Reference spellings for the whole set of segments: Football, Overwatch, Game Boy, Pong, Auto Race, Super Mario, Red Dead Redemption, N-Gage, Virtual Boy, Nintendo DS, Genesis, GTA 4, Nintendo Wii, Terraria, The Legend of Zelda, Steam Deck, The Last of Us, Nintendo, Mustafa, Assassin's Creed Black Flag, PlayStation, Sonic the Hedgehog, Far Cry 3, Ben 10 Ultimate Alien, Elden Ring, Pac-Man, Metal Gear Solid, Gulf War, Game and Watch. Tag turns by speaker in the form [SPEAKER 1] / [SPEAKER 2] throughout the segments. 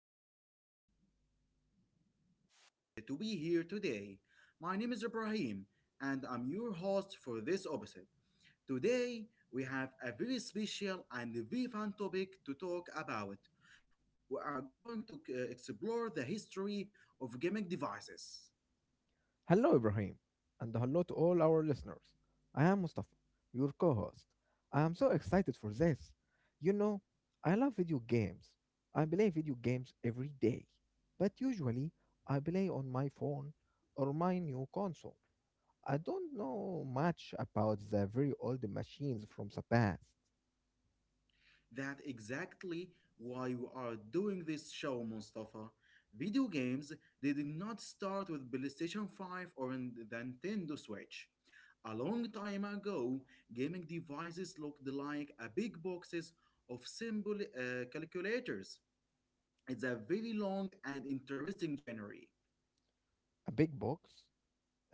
[SPEAKER 1] podcast. I am very happy to be here today. My name is Ibrahim and I'm your host for this episode. Today we have a very special and very fun topic to talk about. We are going to explore the history of gaming devices.
[SPEAKER 2] Hello, Ibrahim, and hello to all our listeners. I am Mustafa, your co host. I am so excited for this. You know, I love video games. I play video games every day, but usually I play on my phone or my new console. I don't know much about the very old machines from the past.
[SPEAKER 1] That's exactly why we are doing this show, Mustafa. Video games they did not start with PlayStation 5 or in the Nintendo Switch. A long time ago, gaming devices looked like a big boxes of simple calculators. It's a very long and interesting genre.
[SPEAKER 2] A big box,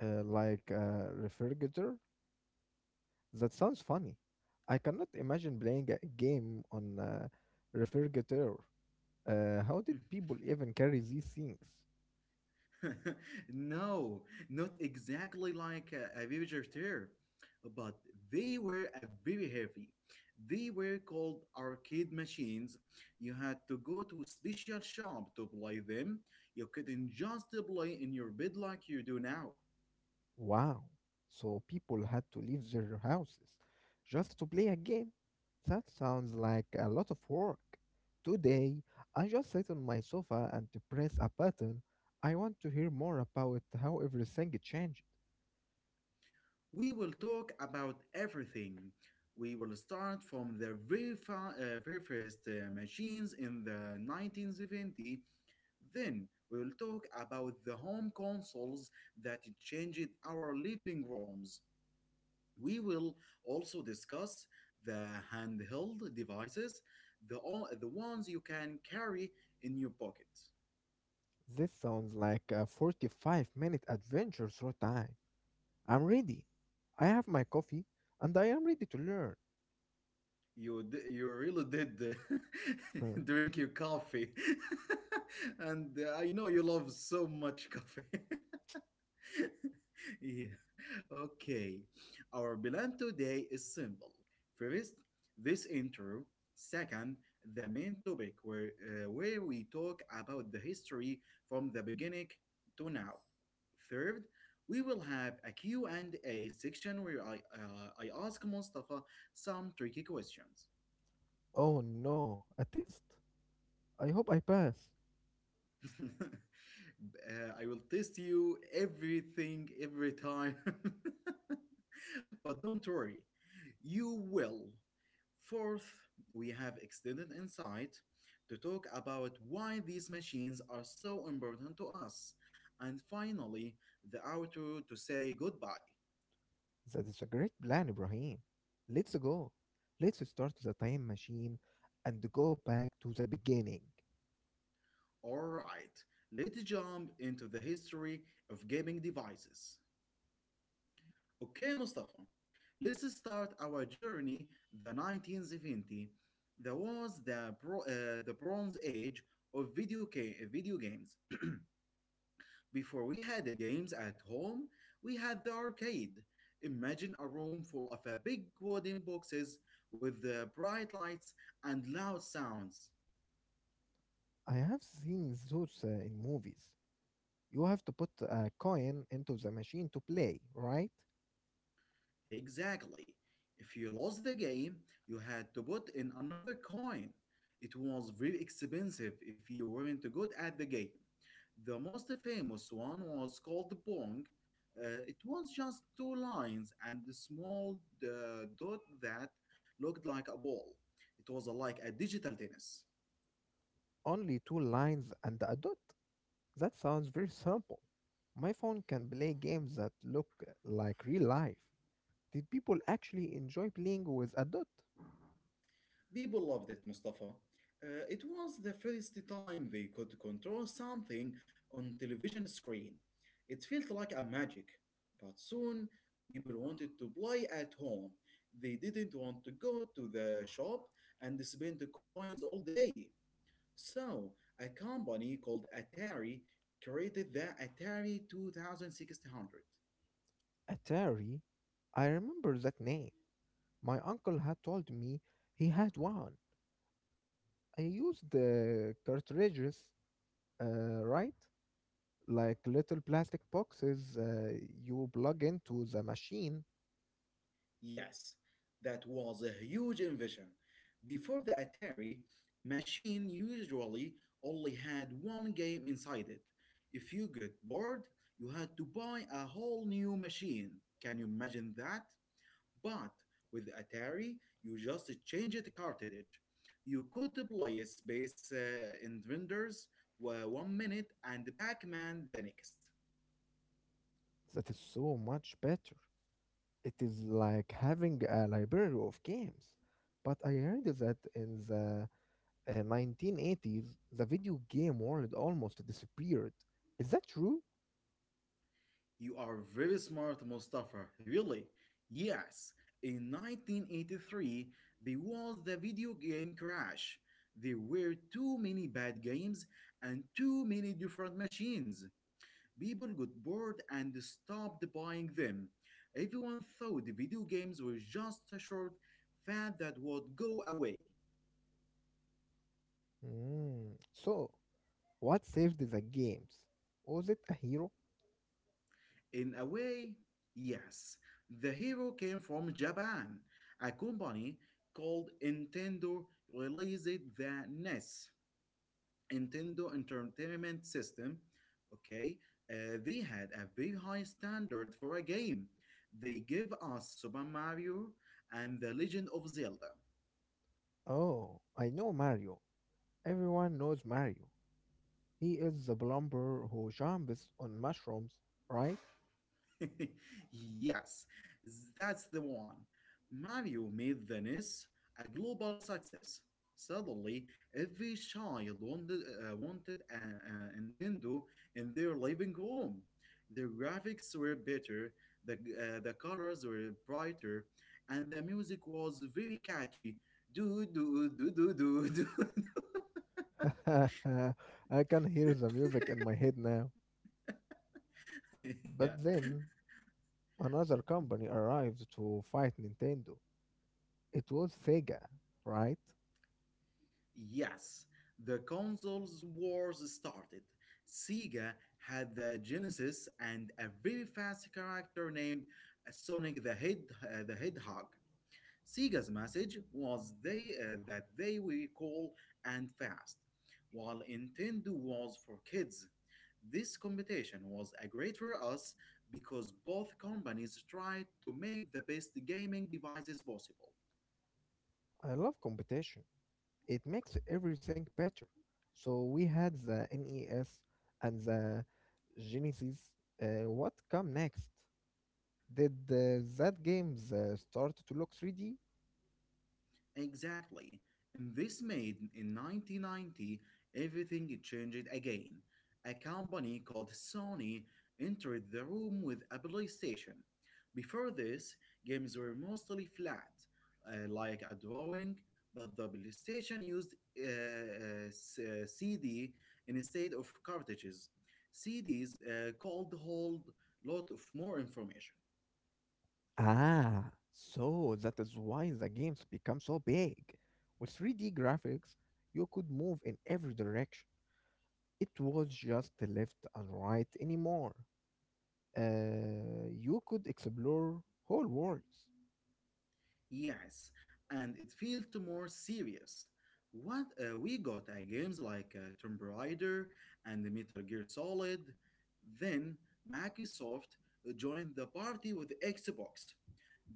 [SPEAKER 2] like a refrigerator? That sounds funny. I cannot imagine playing a game on a refrigerator. How did people even carry these things?
[SPEAKER 1] No, not exactly like a villager but they were a very heavy. They were called arcade machines. You had to go to a special shop to play them. You couldn't just play in your bed like you do now.
[SPEAKER 2] Wow. So people had to leave their houses just to play a game. That sounds like a lot of work. Today, I just sit on my sofa and press a button. I want to hear more about how everything changed.
[SPEAKER 1] We will talk about everything. We will start from the very first machines in the 1970. Then we will talk about the home consoles that changed our living rooms. We will also discuss the handheld devices, the ones you can carry in your pocket.
[SPEAKER 2] This sounds like a 45-minute adventure through time. I'm ready. I have my coffee and I am ready to learn.
[SPEAKER 1] You really did
[SPEAKER 2] Huh.
[SPEAKER 1] drink your coffee, and I know you love so much coffee. Yeah. Okay. Our plan today is simple. First, this intro. Second, the main topic where we talk about the history from the beginning to now. Third, we will have a Q and a section where I ask Mustafa some tricky questions.
[SPEAKER 2] Oh no, a test? I hope I pass.
[SPEAKER 1] I will test you every time. But don't worry, you will. Fourth, we have extended insight to talk about why these machines are so important to us. And finally, the outro to say goodbye.
[SPEAKER 2] That is a great plan, Ibrahim. Let's go. Let's start the time machine and go back to the beginning.
[SPEAKER 1] Alright, let's jump into the history of gaming devices. Okay, Mustafa, let's start our journey the 1970. That was the, the Bronze Age of video games. Before we had the games at home, we had the arcade. Imagine a room full of big wooden boxes with bright lights and loud sounds.
[SPEAKER 2] I have seen those in movies. You have to put a coin into the machine to play, right?
[SPEAKER 1] Exactly. If you lost the game, you had to put in another coin. It was very expensive if you weren't good at the game. The most famous one was called Pong. It was just two lines and a small dot that looked like a ball. It was like a digital tennis.
[SPEAKER 2] Only two lines and a dot. That sounds very simple. My phone can play games that look like real life. Did people actually enjoy playing with a dot?
[SPEAKER 1] People loved it, Mustafa. It was the first time they could control something on television screen. It felt like a magic. But soon, people wanted to play at home. They didn't want to go to the shop and spend the coins all day. So, a company called Atari created the Atari 2600.
[SPEAKER 2] Atari? I remember that name. My uncle had told me he had one. I use the cartridges, right? Like little plastic boxes you plug into the machine.
[SPEAKER 1] Yes, that was a huge invention. Before the Atari, machine usually only had one game inside it. If you get bored, you had to buy a whole new machine. Can you imagine that? But with the Atari, you just change the cartridge. You could play Space Invaders 1 minute and Pac-Man the next.
[SPEAKER 2] That is so much better. It is like having a library of games. But I heard that in the 1980s, the video game world almost disappeared. Is that true?
[SPEAKER 1] You are very smart, Mustafa. Really? Yes. In 1983, there was the video game crash. There were too many bad games and too many different machines. People got bored and stopped buying them. Everyone thought the video games were just a short fad that would go away.
[SPEAKER 2] Mm. So, what saved the games? Was it a hero?
[SPEAKER 1] In a way, yes. The hero came from Japan. A company called Nintendo released the NES, Nintendo Entertainment System. Okay, they had a very high standard for a game. They gave us Super Mario and The Legend of Zelda.
[SPEAKER 2] Oh, I know Mario. Everyone knows Mario. He is the plumber who jumps on mushrooms, right?
[SPEAKER 1] Yes, that's the one. Mario made Venice a global success. Suddenly, every child wanted a Nintendo in their living room. The graphics were better, the colors were brighter, and the music was very catchy. Do, do, do, do, do, do.
[SPEAKER 2] I can hear the music in my head now. But
[SPEAKER 1] Yeah.
[SPEAKER 2] then another company arrived to fight Nintendo. It was Sega, right?
[SPEAKER 1] Yes, the consoles wars started. Sega had the Genesis and a very fast character named Sonic the Hedgehog. Sega's message was they that they were cool and fast, while Nintendo was for kids. This competition was a great for us because both companies tried to make the best gaming devices possible.
[SPEAKER 2] I love competition. It makes everything better. So we had the NES and the Genesis. What come next? Did that games start to look 3D?
[SPEAKER 1] Exactly. And this made in 1990 everything changed again. A company called Sony entered the room with a PlayStation. Before this, games were mostly flat, like a drawing, but the PlayStation used CD instead of cartridges. CDs called hold lot of more information.
[SPEAKER 2] Ah, so that is why the games become so big. With 3D graphics, you could move in every direction. It was just left and right anymore. You could explore whole worlds.
[SPEAKER 1] Yes, and it felt more serious. What we got games like Tomb Raider and Metal Gear Solid. Then Microsoft joined the party with Xbox.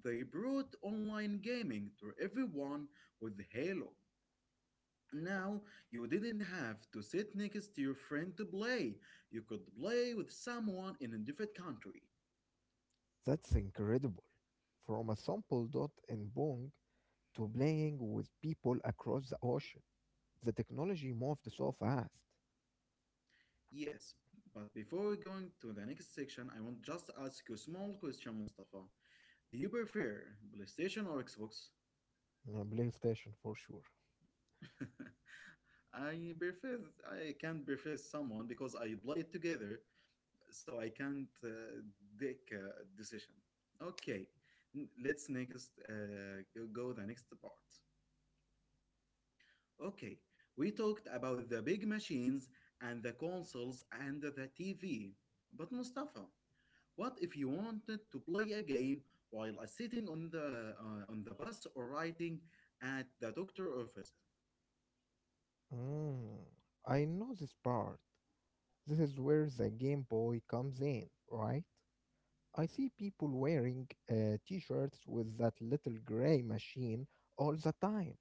[SPEAKER 1] They brought online gaming to everyone with Halo. Now you didn't have to sit next to your friend to play. You could play with someone in a different country.
[SPEAKER 2] That's incredible. From a sample dot in Bong to playing with people across the ocean, the technology moved so fast.
[SPEAKER 1] Yes, but before we go into the next section, I want just to ask you a small question, Mustafa. Do you prefer PlayStation or Xbox?
[SPEAKER 2] Yeah, PlayStation for sure.
[SPEAKER 1] I prefer I can't prefer someone because I play it together, so I can't take a decision. Okay, let's next go the next part. Okay, we talked about the big machines and the consoles and the TV, but Mustafa. What if you wanted to play a game while sitting on the bus or writing at the doctor office?
[SPEAKER 2] Mm, I know this part. This is where the Game Boy comes in, right? I see people wearing t shirts with that little gray machine all the time.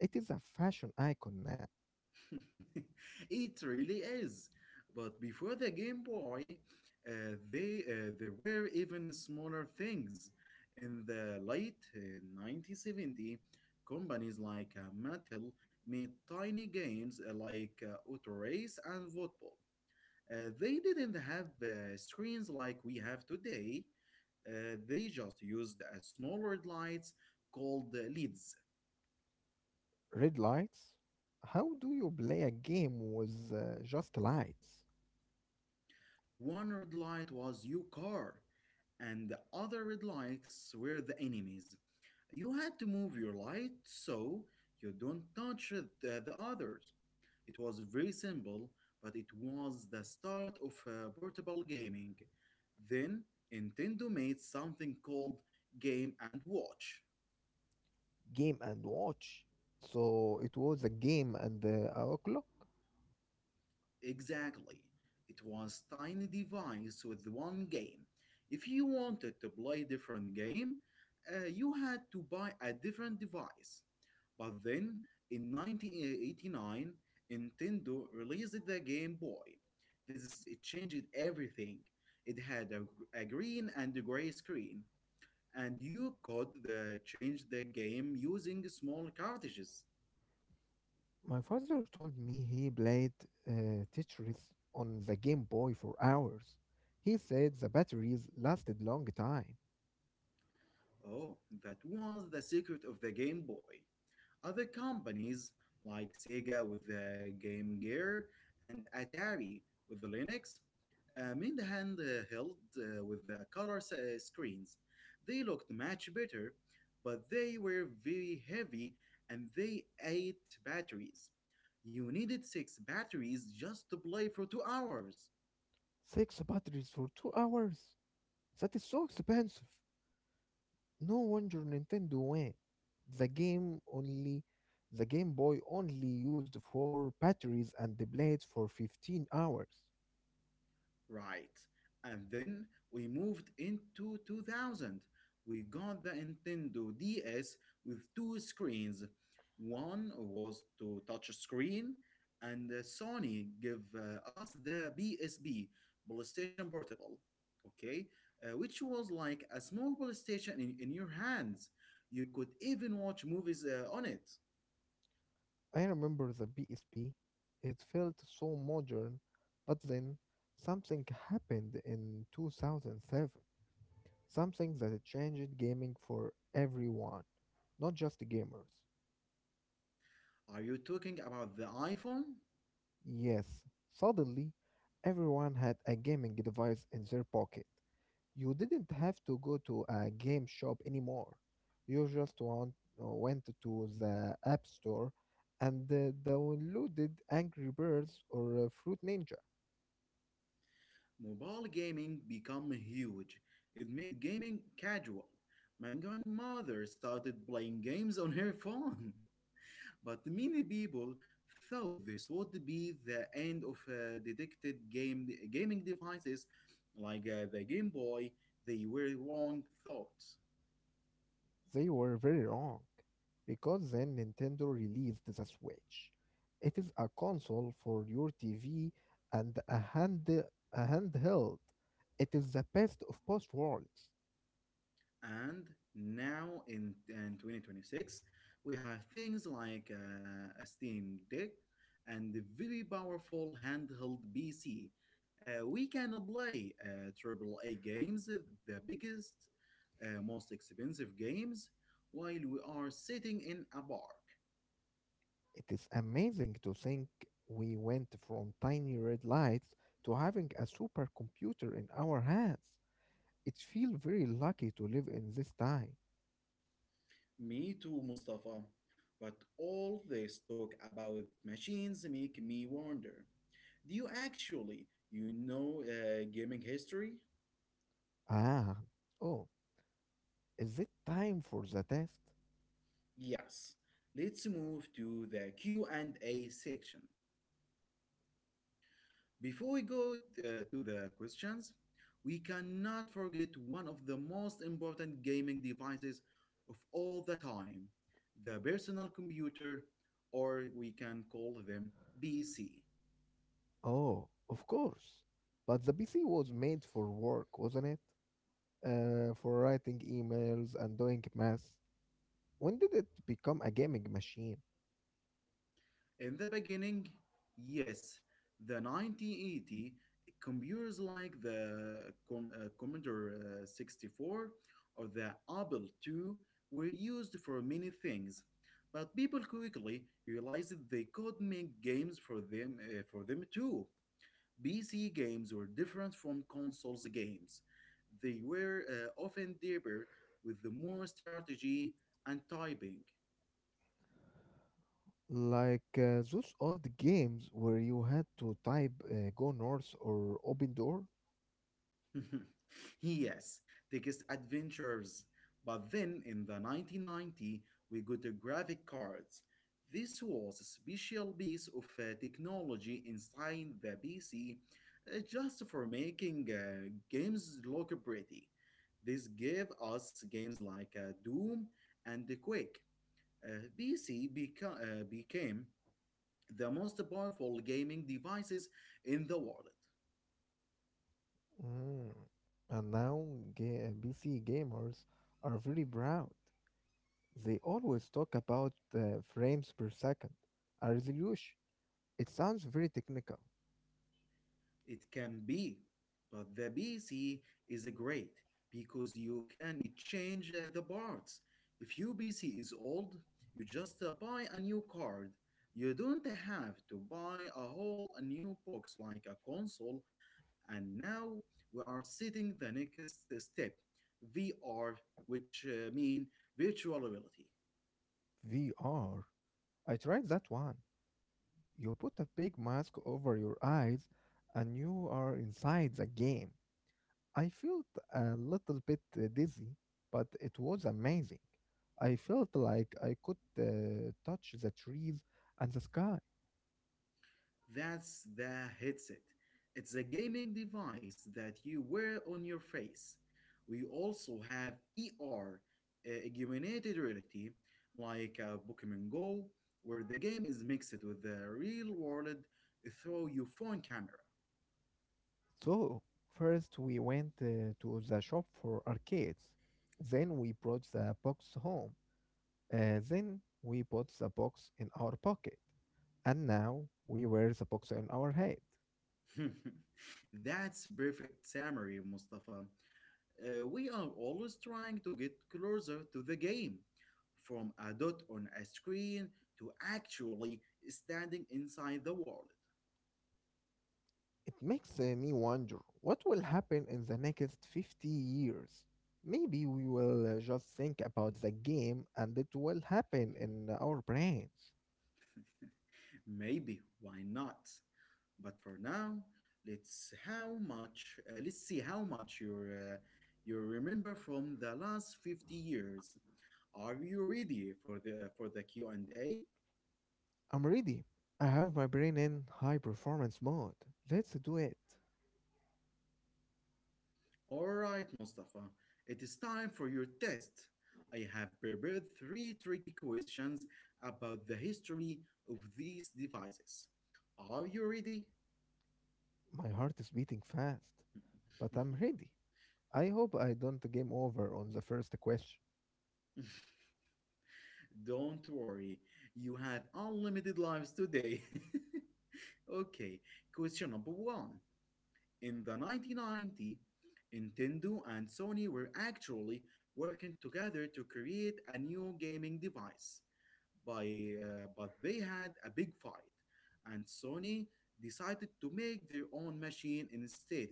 [SPEAKER 2] It is a fashion icon now.
[SPEAKER 1] It really is. But before the Game Boy, they there were even smaller things. In the late 1970, companies like Mattel made tiny games like Auto Race and Football. They didn't have screens like we have today. They just used a small lights called LEDs.
[SPEAKER 2] Red lights? How do you play a game with just lights?
[SPEAKER 1] One red light was your car, and the other red lights were the enemies. You had to move your light so you don't touch the others. It was very simple, but it was the start of portable gaming. Then Nintendo made something called Game and Watch.
[SPEAKER 2] Game and watch. So it was a game and a clock.
[SPEAKER 1] Exactly. It was tiny device with one game. If you wanted to play different game, you had to buy a different device. But then in 1989, Nintendo released the Game Boy. This it changed everything. It had a green and a gray screen, and you could change the game using small cartridges.
[SPEAKER 2] My father told me he played Tetris on the Game Boy for hours. He said the batteries lasted long time.
[SPEAKER 1] Oh, that was the secret of the Game Boy. Other companies like Sega with the Game Gear and Atari with the Linux made handheld with the color screens. They looked much better, but they were very heavy and they ate batteries. You needed six batteries just to play for 2 hours.
[SPEAKER 2] Six batteries for 2 hours? That is so expensive. No wonder Nintendo went. The game only the Game Boy only used four batteries and the blades for 15 hours.
[SPEAKER 1] Right. And then we moved into 2000. We got the Nintendo DS with two screens. One was to touch screen, and Sony gave us the PSP, PlayStation Portable, okay, which was like a small PlayStation in your hands. You could even watch movies on it.
[SPEAKER 2] I remember the PSP. It felt so modern, but then something happened in 2007. Something that changed gaming for everyone, not just gamers.
[SPEAKER 1] Are you talking about the iPhone?
[SPEAKER 2] Yes, suddenly everyone had a gaming device in their pocket. You didn't have to go to a game shop anymore. You went to the App Store and downloaded Angry Birds or Fruit Ninja.
[SPEAKER 1] Mobile gaming became huge. It made gaming casual. My grandmother started playing games on her phone, but many people thought this would be the end of detected game gaming devices like the Game Boy. They were wrong thoughts.
[SPEAKER 2] They were very wrong because then Nintendo released the Switch. It is a console for your TV and a handheld. It is the best of both worlds.
[SPEAKER 1] And now in 2026, we have things like a Steam Deck and the very powerful handheld PC. We can play AAA games, the biggest, most expensive games, while we are sitting in a park.
[SPEAKER 2] It is amazing to think we went from tiny red lights to having a supercomputer in our hands. It feels very lucky to live in this time.
[SPEAKER 1] Me too, Mustafa. But all this talk about machines make me wonder. Do you actually, you know, gaming history?
[SPEAKER 2] Ah, oh, is it time for the test?
[SPEAKER 1] Yes, let's move to the Q&A section. Before we go to the questions, we cannot forget one of the most important gaming devices of all the time, the personal computer, or we can call them PC.
[SPEAKER 2] Oh, of course. But the PC was made for work, wasn't it? For writing emails and doing math. When did it become a gaming machine?
[SPEAKER 1] In the beginning, yes, the 1980 computers like the Commodore 64 or the Apple II were used for many things, but people quickly realized that they could make games for them too. PC games were different from consoles games. They were often deeper with the more strategy and typing.
[SPEAKER 2] Like those old games where you had to type go north or open door?
[SPEAKER 1] Yes, biggest adventures. But then in the 1990, we got the graphic cards. This was a special piece of technology inside the PC just for making games look pretty. This gave us games like Doom and The Quake. PC became the most powerful gaming devices in the world.
[SPEAKER 2] Mm. And now PC gamers are very proud. They always talk about frames per second, a resolution. It sounds very technical.
[SPEAKER 1] It can be, but the PC is a great because you can change the parts. If your PC is old, you just buy a new card. You don't have to buy a whole new box like a console. And now we are setting the next step, VR, which mean virtual reality.
[SPEAKER 2] VR. I tried that one. You put a big mask over your eyes and you are inside the game. I felt a little bit dizzy, but it was amazing. I felt like I could touch the trees and the sky.
[SPEAKER 1] That's the headset. It's a gaming device that you wear on your face. We also have ER, augmented reality, like Pokemon Go, where the game is mixed with the real world through your phone camera.
[SPEAKER 2] So, first we went to the shop for arcades. Then we brought the box home. Then we put the box in our pocket. And now we wear the box on our head.
[SPEAKER 1] That's perfect summary, Mustafa. We are always trying to get closer to the game, from a dot on a screen to actually standing inside the world.
[SPEAKER 2] It makes me wonder what will happen in the next 50 years. Maybe we will just think about the game and it will happen in our brains.
[SPEAKER 1] Maybe, why not? But for now, let's see how much you remember from the last 50 years. Are you ready for the Q&A?
[SPEAKER 2] I'm ready. I have my brain in high performance mode. Let's do it.
[SPEAKER 1] All right, Mustafa. It is time for your test. I have prepared three tricky questions about the history of these devices. Are you ready?
[SPEAKER 2] My heart is beating fast. But I'm ready. I hope I don't game over on the first question.
[SPEAKER 1] Don't worry, you have unlimited lives today. Okay, question number one. In the 1990, Nintendo and Sony were actually working together to create a new gaming device. By, but they had a big fight, and Sony decided to make their own machine instead.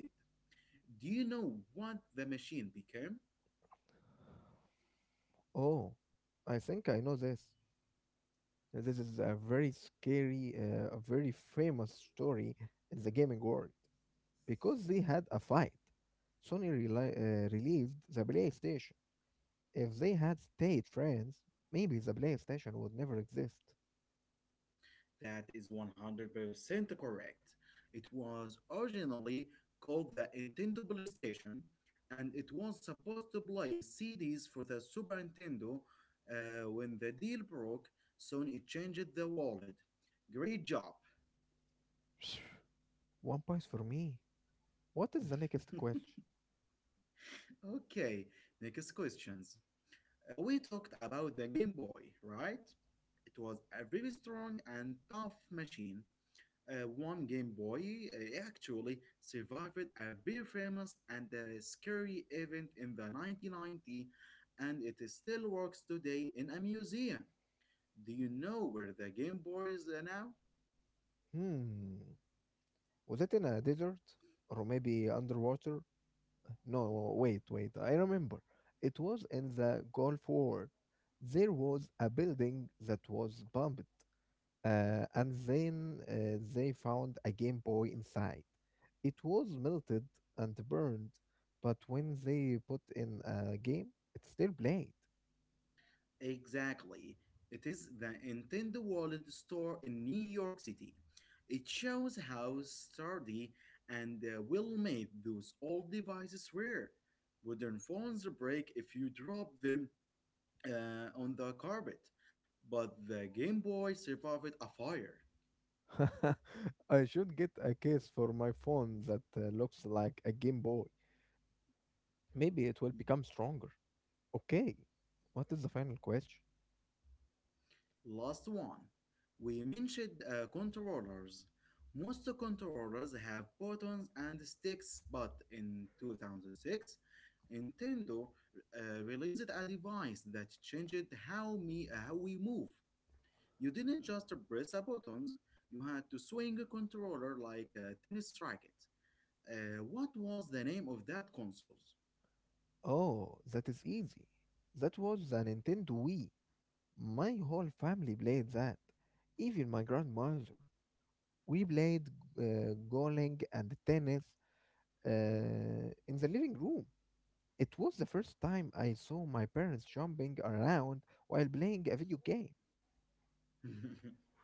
[SPEAKER 1] Do you know what the machine became?
[SPEAKER 2] Oh, I think I know this. This is a very famous story in the gaming world because they had a fight. Sony released the PlayStation. If they had stayed friends, maybe the PlayStation would never exist.
[SPEAKER 1] That is 100% correct. It was originally called the Nintendo PlayStation, and it was supposed to play CDs for the Super Nintendo when the deal broke, so it changed the wallet. Great job.
[SPEAKER 2] One point for me. What is the next question?
[SPEAKER 1] Okay, next questions. We talked about the Game Boy, right? It was a very strong and tough machine. One Game Boy actually survived a very famous and scary event in the 1990s, and it still works today in a museum. Do you know where the Game Boy is now?
[SPEAKER 2] Hmm. Was it in a desert? Or maybe underwater? No, wait. I remember. It was in the Gulf War. There was a building that was bombed, and then they found a Game Boy inside. It was melted and burned, but when they put in a game, it still played.
[SPEAKER 1] Exactly. It is the Nintendo Wallet store in New York City. It shows how sturdy and well made those old devices were. Modern phones break if you drop them, on the carpet, but the Game Boy survived a fire.
[SPEAKER 2] I should get a case for my phone that looks like a Game Boy. Maybe it will become stronger. Okay, what is the final question?
[SPEAKER 1] Last one. We mentioned controllers. Most controllers have buttons and sticks, but in 2006, Nintendo released a device that changed how we move. You didn't just press a buttons, you had to swing a controller like a tennis racket. What was the name of that console?
[SPEAKER 2] Oh, that is easy. That was the Nintendo Wii. My whole family played that. Even my grandmother. We played bowling and tennis in the living room. It was the first time I saw my parents jumping around while playing a video game.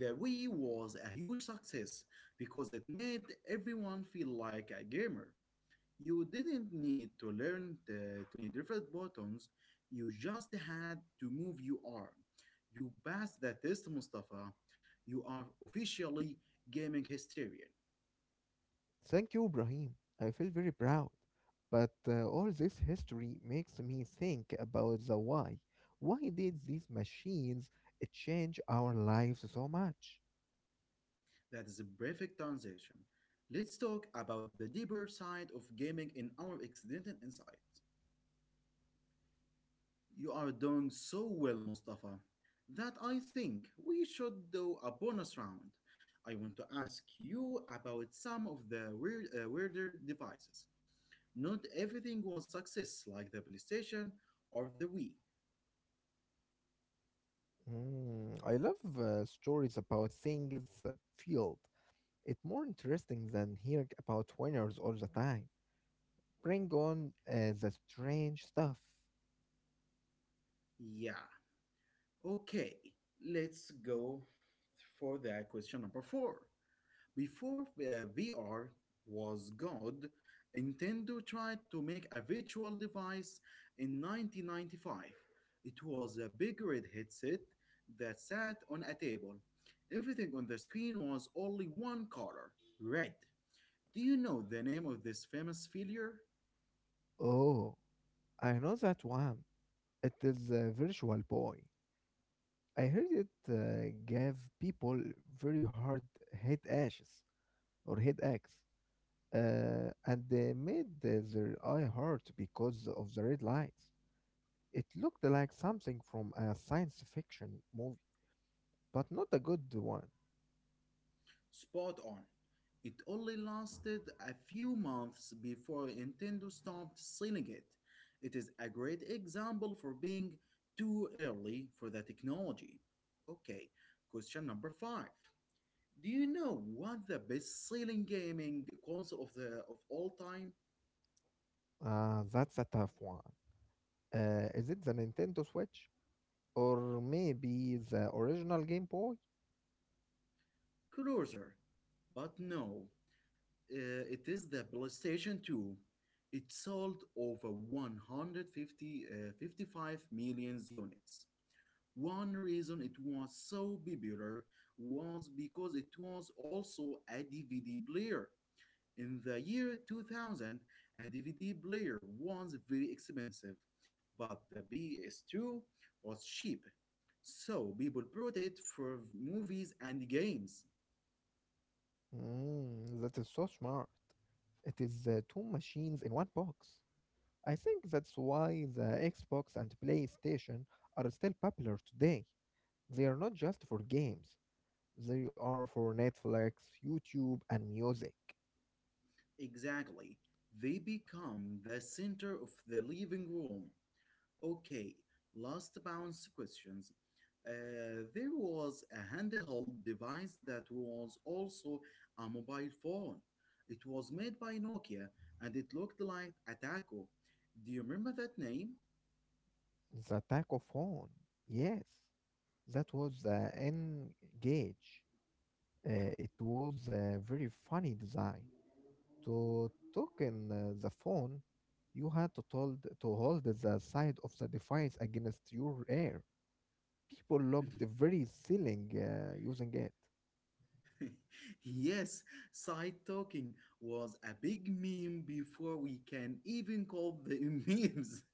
[SPEAKER 1] The Wii was a huge success because it made everyone feel like a gamer. You didn't need to learn the 20 different buttons, you just had to move your arm. You passed the test, Mustafa. You are officially gaming hysterian.
[SPEAKER 2] Thank you, Ibrahim. I feel very proud. But all this history makes me think about the why. Why did these machines change our lives so much?
[SPEAKER 1] That is a perfect transition. Let's talk about the deeper side of gaming in our extended insight. You are doing so well, Mustafa, that I think we should do a bonus round. I want to ask you about some of the weirder devices. Not everything was success, like the PlayStation or the Wii.
[SPEAKER 2] Mm, I love stories about things that field. It's more interesting than hearing about winners all the time. Bring on the strange stuff.
[SPEAKER 1] Yeah. Okay, let's go for the question number four. Before VR was God, Nintendo tried to make a virtual device in 1995. It was a big red headset that sat on a table. Everything on the screen was only one color red. Do you know the name of this famous failure?
[SPEAKER 2] Oh, I know that one. It is a virtual boy. I heard it gave people very hard head ashes or headaches, and they made their eye hurt because of the red lights. It looked like something from a science fiction but not a good one.
[SPEAKER 1] Spot on. It only lasted a few months before Nintendo stopped selling it. It is a great example for being too early for the technology. Okay, question number five. Do you know what the best-selling gaming console of the of all time?
[SPEAKER 2] Ah, that's a tough one. Is it the Nintendo Switch or maybe the original Game Boy?
[SPEAKER 1] Closer, but no, it is the PlayStation 2. It sold over 150 55 million units. One reason it was so popular was because it was also a DVD player. In the year 2000, a DVD player was very expensive, but the PS2 was cheap, so people bought it for movies and games.
[SPEAKER 2] Mm, that is so smart. It is two machines in one box. I think that's why the Xbox and PlayStation are still popular today. They are not just for games, they are for Netflix, YouTube, and music.
[SPEAKER 1] Exactly, they become the center of the living room. Okay, last bounce questions. There was a handheld device that was also a mobile phone. It was made by Nokia and it looked like a taco. Do you remember that name?
[SPEAKER 2] The Taco Phone. Yes, that was the N gauge. It was a very funny design. To talk in the phone, you had to, told, to hold the side of the device against your ear. People locked the very ceiling using it.
[SPEAKER 1] Yes, side talking was a big meme before we can even call the memes.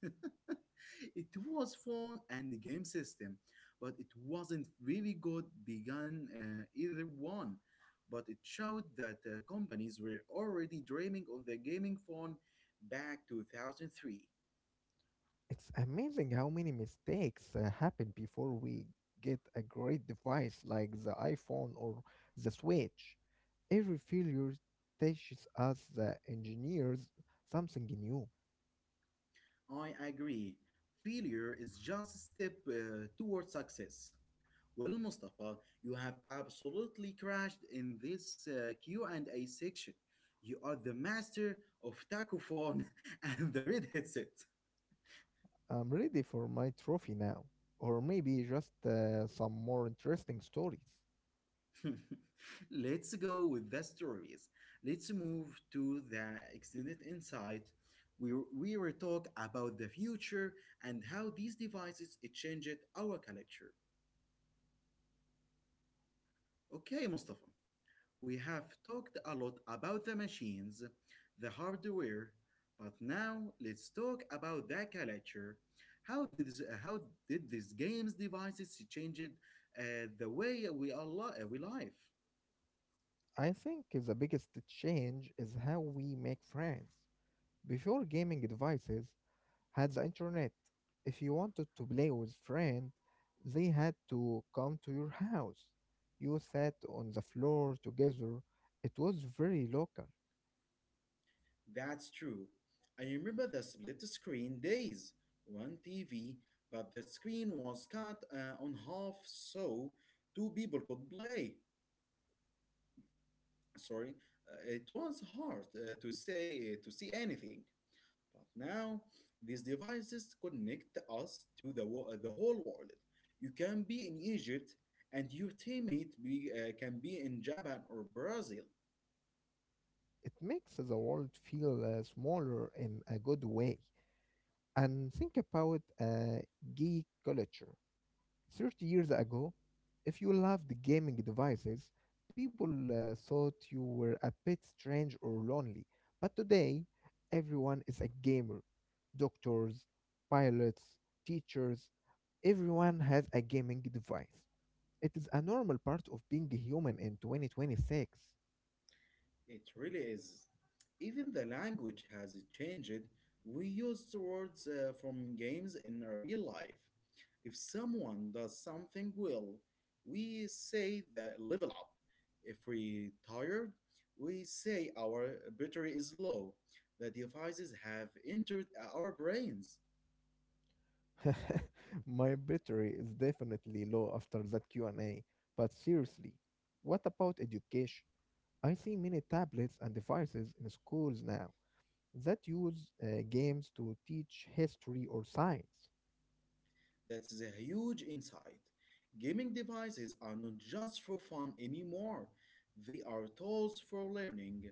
[SPEAKER 1] It was phone and the game system, but it wasn't really good begun either one. But it showed that companies were already dreaming of the gaming phone back 2003.
[SPEAKER 2] It's amazing how many mistakes happen before we get a great device like the iPhone or the Switch. Every failure teaches us, the engineers, something new.
[SPEAKER 1] I agree. Failure is just a step towards success. Well, Mustafa, you have absolutely crashed in this Q&A section. You are the master of tacophone and the red headset.
[SPEAKER 2] I'm ready for my trophy now, or maybe just some more interesting stories.
[SPEAKER 1] Let's go with the stories. Let's move to the extended insight. We will talk about the future and how these devices changed our culture. Okay, Mustafa. We have talked a lot about the machines, the hardware, but now let's talk about the culture. How did these games devices changed the way we live?
[SPEAKER 2] I think the biggest change is how we make friends. Before gaming devices had the internet, if you wanted to play with friends, they had to come to your house. You sat on the floor together. It was very local.
[SPEAKER 1] That's true. I remember the split screen days, one TV, but the screen was cut on half so two people could play. Sorry, it was hard to see anything. But now, these devices connect us to the whole world. You can be in Egypt, and your teammate can be in Japan or Brazil.
[SPEAKER 2] It makes the world feel smaller in a good way. And think about geek culture. 30 years ago, if you loved gaming devices, people thought you were a bit strange or lonely. But today, everyone is a gamer. Doctors, pilots, teachers, everyone has a gaming device. It is a normal part of being a human in 2026.
[SPEAKER 1] It really is. Even the language has changed. We use words from games in real life. If someone does something well, we say the level up. If we tired, we say our battery is low. The devices have entered our brains.
[SPEAKER 2] My battery is definitely low after that Q&A. But seriously, what about education? I see many tablets and devices in schools now. That use games to teach history or science.
[SPEAKER 1] That's a huge insight. Gaming devices are not just for fun anymore, they are tools for learning.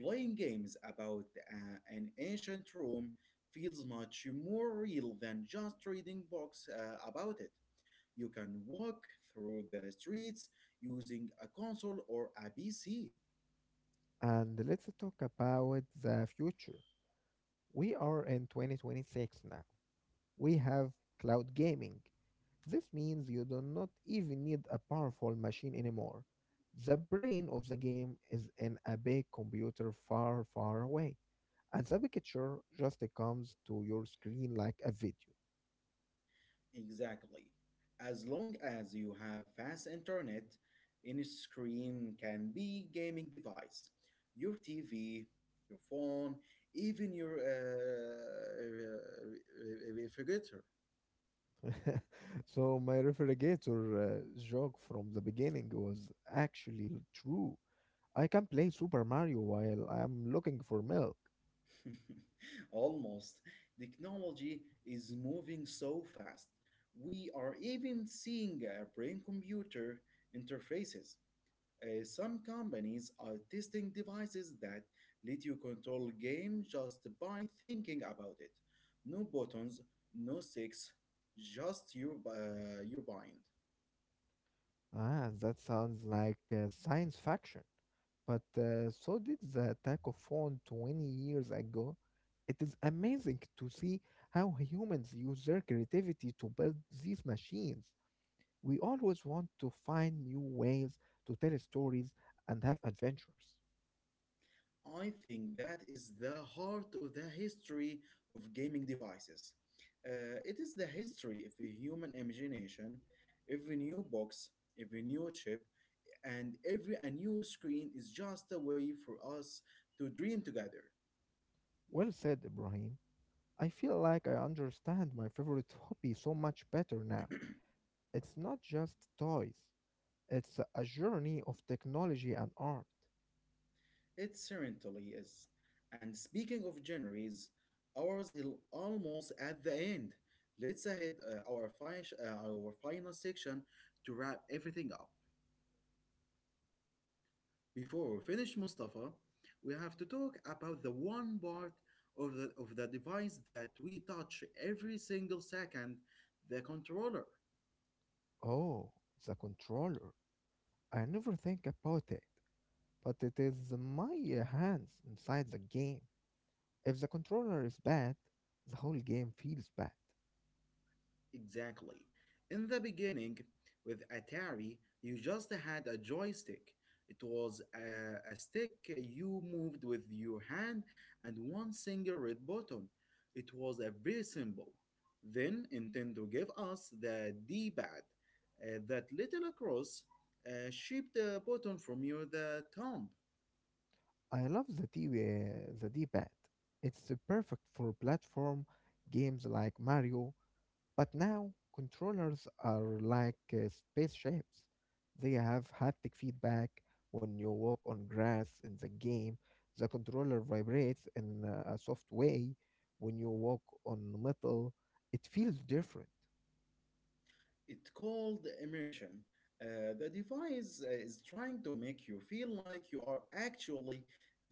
[SPEAKER 1] Playing games about an ancient Rome feels much more real than just reading books about it. You can walk through the streets using a console or a PC.
[SPEAKER 2] And let's talk about the future. We are in 2026 now. We have cloud gaming. This means you do not even need a powerful machine anymore. The brain of the game is in a big computer far, far away, and the picture just comes to your screen like a video.
[SPEAKER 1] Exactly. As long as you have fast internet, any screen can be gaming device. Your TV, your phone, even your refrigerator.
[SPEAKER 2] so my refrigerator joke from the beginning was actually true. I can play Super Mario while I'm looking for milk.
[SPEAKER 1] Almost. Technology is moving so fast. We are even seeing brain computer interfaces. Some companies are testing devices that let you control game just by thinking about it. No buttons, no sticks, just your mind.
[SPEAKER 2] Ah, that sounds like science fiction. But so did the attack of phone 20 years ago. It is amazing to see how humans use their creativity to build these machines. We always want to find new ways to tell stories and have adventures.
[SPEAKER 1] I think that is the heart of the history of gaming devices. It is the history of the human imagination. Every new box, every new chip, and every a new screen is just a way for us to dream together.
[SPEAKER 2] Well said, Ibrahim. I feel like I understand my favorite hobby so much better now. It's not just toys, it's a journey of technology and art.
[SPEAKER 1] It certainly is. And speaking of January's, ours is almost at the end. Let's head our final section to wrap everything up. Before we finish, Mustafa, we have to talk about the one part of the device that we touch every single second the controller.
[SPEAKER 2] Oh, the controller. I never think about it, but it is my hands inside the game. If the controller is bad, the whole game feels bad.
[SPEAKER 1] Exactly. In the beginning, with Atari, you just had a joystick. It was a stick you moved with your hand and one single red button. It was a very simple. Then Nintendo gave us the D pad, that little cross shaped button from your the thumb.
[SPEAKER 2] I love the D, the D-pad. It's perfect for platform games like Mario. But now controllers are like spaceships. They have haptic feedback. When you walk on grass in the game, the controller vibrates in a soft way. When you walk on metal, it feels different.
[SPEAKER 1] It's called immersion. The device is trying to make you feel like you are actually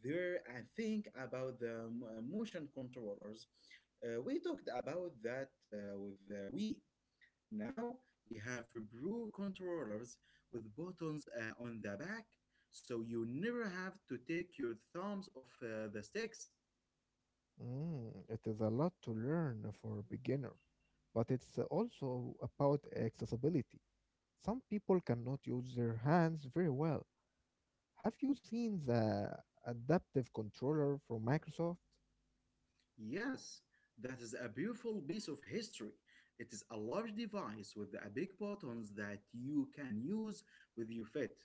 [SPEAKER 1] there and think about the motion controllers. We talked about that with Wii. Now we have Pro controllers with buttons on the back, so you never have to take your thumbs off the sticks.
[SPEAKER 2] It is a lot to learn for a beginner, but it's also about accessibility. Some people cannot use their hands very well. Have you seen the adaptive controller from Microsoft?
[SPEAKER 1] Yes, that is a beautiful piece of history. It is a large device with a big buttons that you can use with your feet,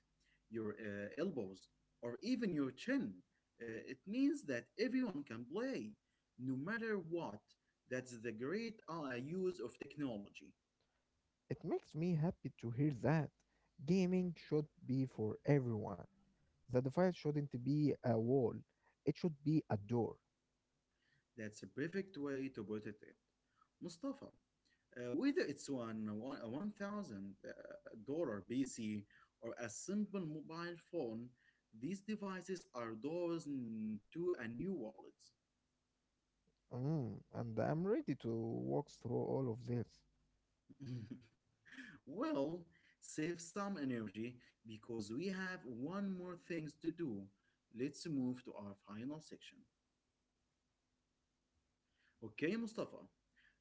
[SPEAKER 1] your elbows, or even your chin. It means that everyone can play, no matter what. That's the great use of technology.
[SPEAKER 2] It makes me happy to hear that. Gaming should be for everyone. The device shouldn't be a wall, it should be a door.
[SPEAKER 1] That's a perfect way to put it. Mustafa, whether it's one thousand dollar PC or a simple mobile phone, these devices are doors to a new wallet.
[SPEAKER 2] And I'm ready to walk through all of this.
[SPEAKER 1] Well, save some energy because we have one more things to do. Let's move to our final section. Okay, Mustafa,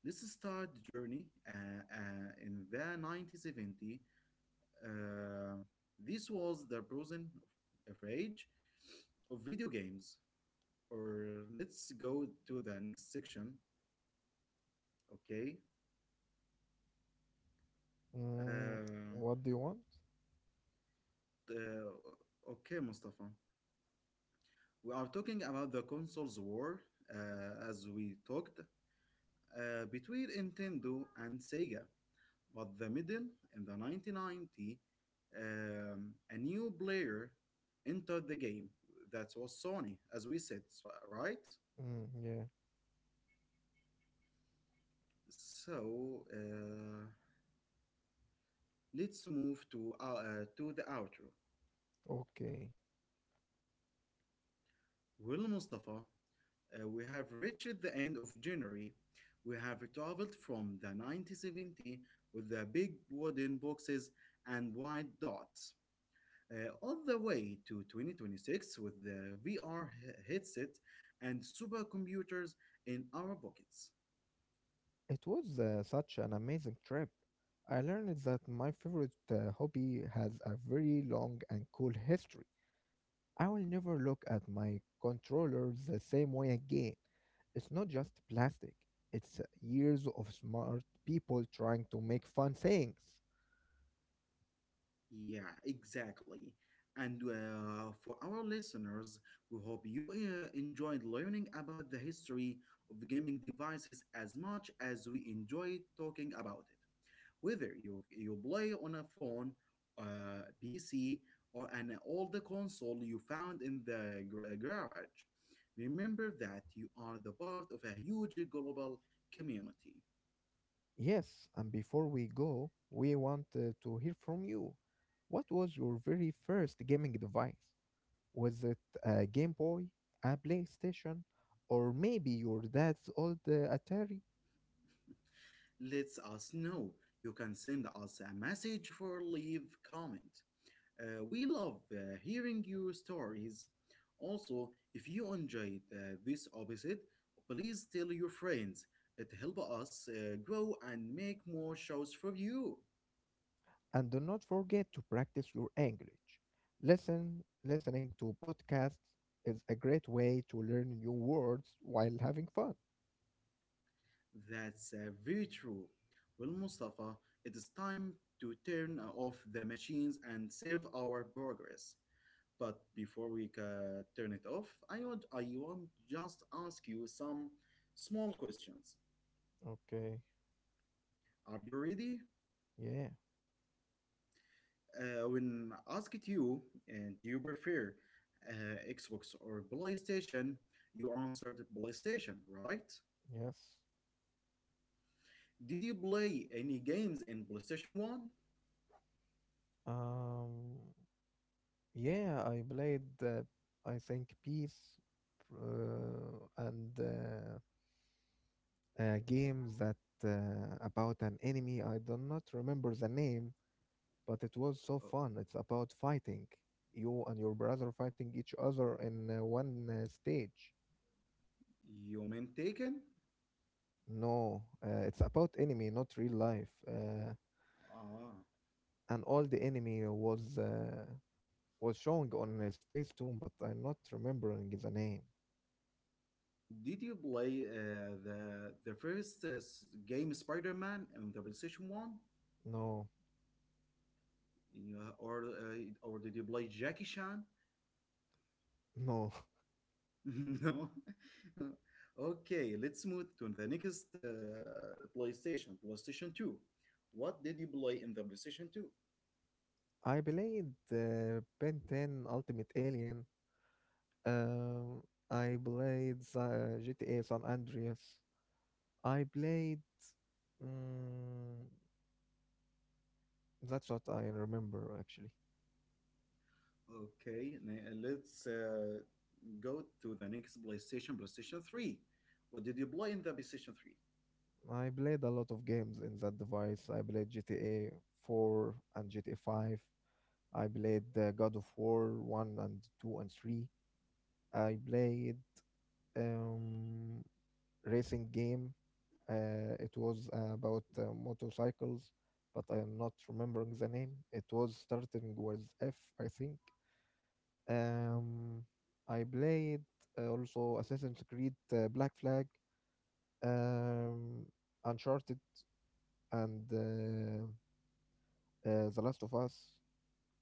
[SPEAKER 1] let's start the journey in the 1970. Uh, this was the prison of age of video games. Or let's go to the next section. Okay.
[SPEAKER 2] Mm,
[SPEAKER 1] Uh,
[SPEAKER 2] what do you want?
[SPEAKER 1] the- okay, Mustafa. We are talking about the consoles war, as we talked, between Nintendo and Sega. But the middle, in the 1990, a new player entered the game. That was Sony, as we said, right?
[SPEAKER 2] Yeah,
[SPEAKER 1] So let's move to the outro.
[SPEAKER 2] okay.
[SPEAKER 1] Well, Mustafa, we have reached the end of January. We have traveled from the 1970 with the big wooden boxes and white dots, all the way to 2026 with the VR headset and supercomputers in our pockets.
[SPEAKER 2] It was such an amazing trip. I learned that my favorite hobby has a very long and cool history. I will never look at my controller the same way again. It's not just plastic, it's years of smart people trying to make fun things.
[SPEAKER 1] Yeah, exactly. And for our listeners, we hope you enjoyed learning about the history of gaming devices as much as we enjoyed talking about it. Whether you play on a phone, PC, or an old console you found in the garage, remember that you are the part of a huge global community.
[SPEAKER 2] Yes, and before we go, we want to hear from you. What was your very first gaming device? Was it a Game Boy, a PlayStation, or maybe your dad's old Atari?
[SPEAKER 1] Let us know. You can send us a message for leave comment. We love hearing your stories. Also, if you enjoyed this episode, please tell your friends. It helps us grow and make more shows for you.
[SPEAKER 2] And do not forget to practice your English. Listening to podcasts is a great way to learn new words while having fun.
[SPEAKER 1] That's very true. Well, Mustafa, it is time to turn off the machines and save our progress. But before we turn it off, I want just ask you some small questions.
[SPEAKER 2] Okay.
[SPEAKER 1] Are you ready?
[SPEAKER 2] Yeah.
[SPEAKER 1] Uh, when asked you, uh, do you prefer Xbox or PlayStation, you answered PlayStation, right?
[SPEAKER 2] Yes.
[SPEAKER 1] Did you play any games in PlayStation 1?
[SPEAKER 2] Um. Yeah, I played, I think, Peace, and a game that about an enemy. I do not remember the name, but it was so fun. It's about fighting. You and your brother fighting each other in one stage.
[SPEAKER 1] You meant Taken?
[SPEAKER 2] No, it's about enemy, not real life.
[SPEAKER 1] Ah.
[SPEAKER 2] And all the enemy was showing on Space Tomb, but I'm not remembering the name.
[SPEAKER 1] Did you play the first game Spider-Man on the PlayStation 1?
[SPEAKER 2] No,
[SPEAKER 1] Yeah, or or did you play Jackie Chan?
[SPEAKER 2] no.
[SPEAKER 1] No. Okay, let's move to the next PlayStation 2. What did you play in the PlayStation 2?
[SPEAKER 2] I played Ben 10 Ultimate Alien. Um, I played the GTA San Andreas. I played. Mm, that's what I remember actually.
[SPEAKER 1] Okay, let's go to the next PlayStation 3. What did you play in the PlayStation 3?
[SPEAKER 2] I played a lot of games in that device. I played GTA 4 and GTA 5. I played God of War 1 and 2 and 3. I played um, racing game. It was about motorcycles, but I am not remembering the name. It was starting with F, I think. Um, I played also Assassin's Creed Black Flag, um, Uncharted, and The Last of Us.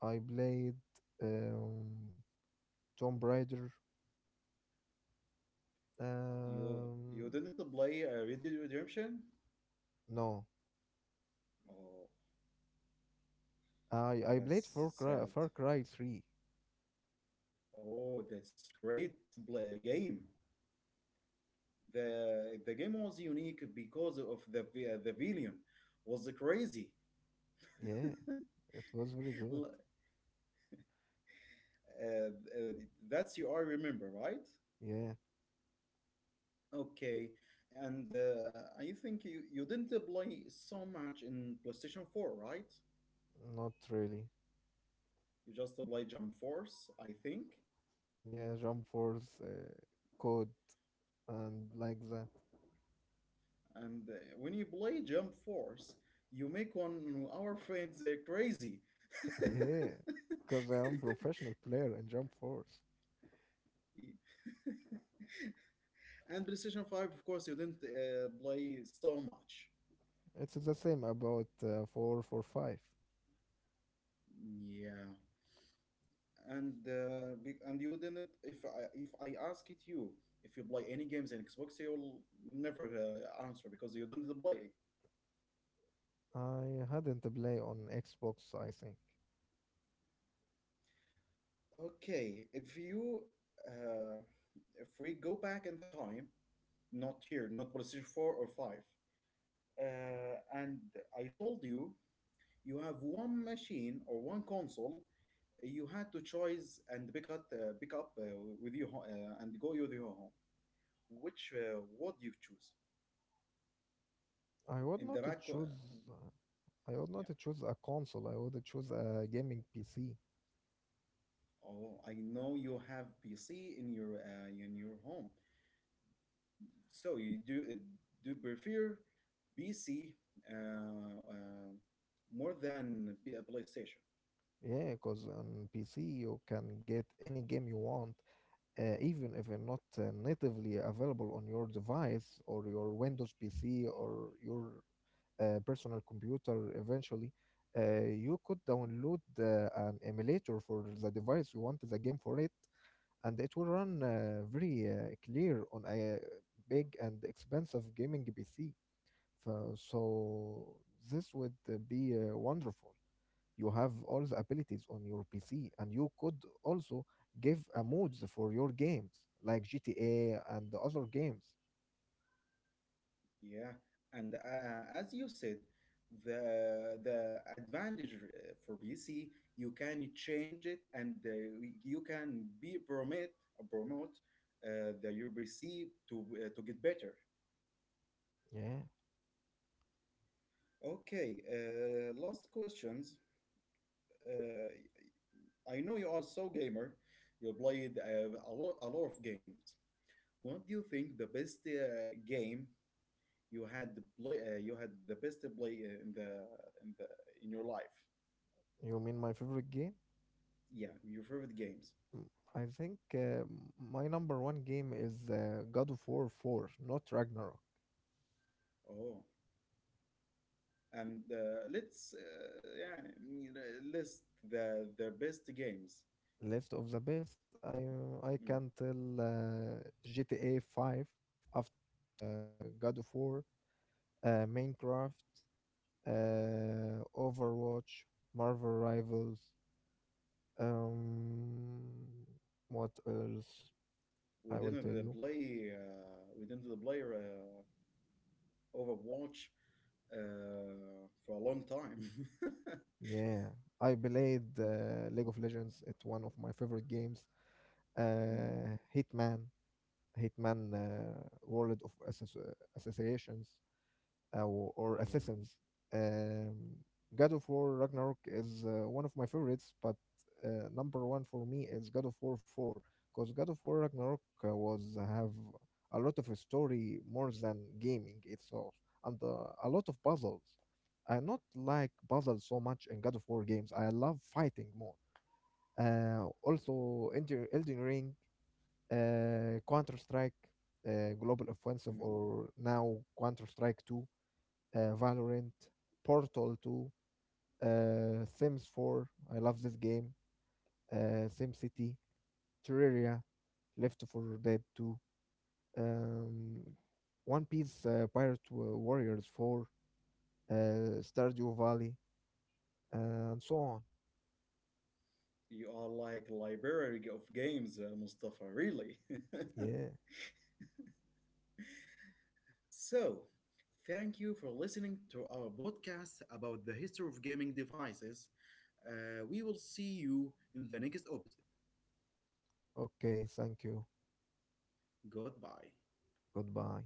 [SPEAKER 2] I played um, Tomb Raider.
[SPEAKER 1] You
[SPEAKER 2] Um,
[SPEAKER 1] you didn't play Red Dead Redemption?
[SPEAKER 2] no,
[SPEAKER 1] Oh,
[SPEAKER 2] I played
[SPEAKER 1] that's
[SPEAKER 2] Far Cry,
[SPEAKER 1] sad.
[SPEAKER 2] Far Cry 3.
[SPEAKER 1] Oh, that's great to play a game. The game was unique because of the villain was crazy.
[SPEAKER 2] Yeah, it was very good.
[SPEAKER 1] L- uh, uh, that's you I remember, right?
[SPEAKER 2] Yeah.
[SPEAKER 1] Okay, and I think you didn't play so much in PlayStation 4, right?
[SPEAKER 2] Not really.
[SPEAKER 1] You just play Jump Force, I think.
[SPEAKER 2] Yeah, jump force, code, and like that.
[SPEAKER 1] And when you play Jump Force, you make one of our friends crazy.
[SPEAKER 2] yeah, because I am professional player in jump force.
[SPEAKER 1] And PlayStation 5, of course, you didn't play so much.
[SPEAKER 2] It's the same about four four five.
[SPEAKER 1] Yeah. And and you didn't if I ask it you if you play any games in Xbox you will never answer because you don't play.
[SPEAKER 2] I hadn't play on Xbox. I think
[SPEAKER 1] Okay, if you uh, if we go back in the time not here not PlayStation 4 or 5 and I told you you have one machine or one console you had to choose and pick up with you and go with your home which would you choose
[SPEAKER 2] I would
[SPEAKER 1] in
[SPEAKER 2] not
[SPEAKER 1] the back.
[SPEAKER 2] choose. I would
[SPEAKER 1] Yeah.
[SPEAKER 2] not choose a console. I would choose a gaming PC.
[SPEAKER 1] Oh, I know you have PC in your home. So you do do prefer PC uh, uh, more than PlayStation.
[SPEAKER 2] Yeah, because on PC you can get any game you want, even if they're not natively available on your device or your Windows PC or your personal computer eventually. You could download an emulator for the device you want the game for it, and it will run very clear on a big and expensive gaming PC. So this would be wonderful. You have all the abilities on your PC and you could also give a modes for your games like GTA and the other games.
[SPEAKER 1] Yeah. And as you said, the advantage for PC, you can change it and you can be promote the your PC to get better.
[SPEAKER 2] Yeah,
[SPEAKER 1] Okay, last questions. Uh, I know you are so gamer. You played lot, a lot of games. What do you think the best game you had you had the best play in the in your life?
[SPEAKER 2] you mean my favorite game?
[SPEAKER 1] Yeah, your favorite games.
[SPEAKER 2] I think my number one game is God of War 4, not Ragnarok.
[SPEAKER 1] Oh, and let's list the best games.
[SPEAKER 2] List of the best i I can
[SPEAKER 1] Mm.
[SPEAKER 2] tell. uh, GTA 5 after uh, God of War, Minecraft, Overwatch, Marvel Rivals. Um, what else I will tell
[SPEAKER 1] We
[SPEAKER 2] you?
[SPEAKER 1] didn't the play uh, we didn't the play Overwatch for a long time.
[SPEAKER 2] Yeah, I played League of Legends. It's one of my favorite games.
[SPEAKER 1] Mm,
[SPEAKER 2] Hitman, Hitman World of Associations, uh, or
[SPEAKER 1] yeah.
[SPEAKER 2] Assassins. Um, God of War Ragnarok is one of my favorites, but number one for me is God of War 4, because God of War Ragnarok was have a lot of story more than gaming itself and a lot of puzzles. I not like puzzles so much in God of War games. I love fighting more. Also, Elden Ring, Counter Strike, Global
[SPEAKER 1] Hmm.
[SPEAKER 2] Offensive, or now Counter Strike 2, Valorant, Portal 2, Sims 4. I love this game. SimCity, Terraria, Left 4 Dead 2, um,
[SPEAKER 1] Mm.
[SPEAKER 2] One Piece Warriors 4, uh, Stardew Valley, and so on.
[SPEAKER 1] You are like library of games, Mustafa, really.
[SPEAKER 2] Yeah.
[SPEAKER 1] So, thank you for listening to our podcast about the history of gaming devices. We will see you in the next episode.
[SPEAKER 2] Okay. Thank you.
[SPEAKER 1] Goodbye.
[SPEAKER 2] Goodbye.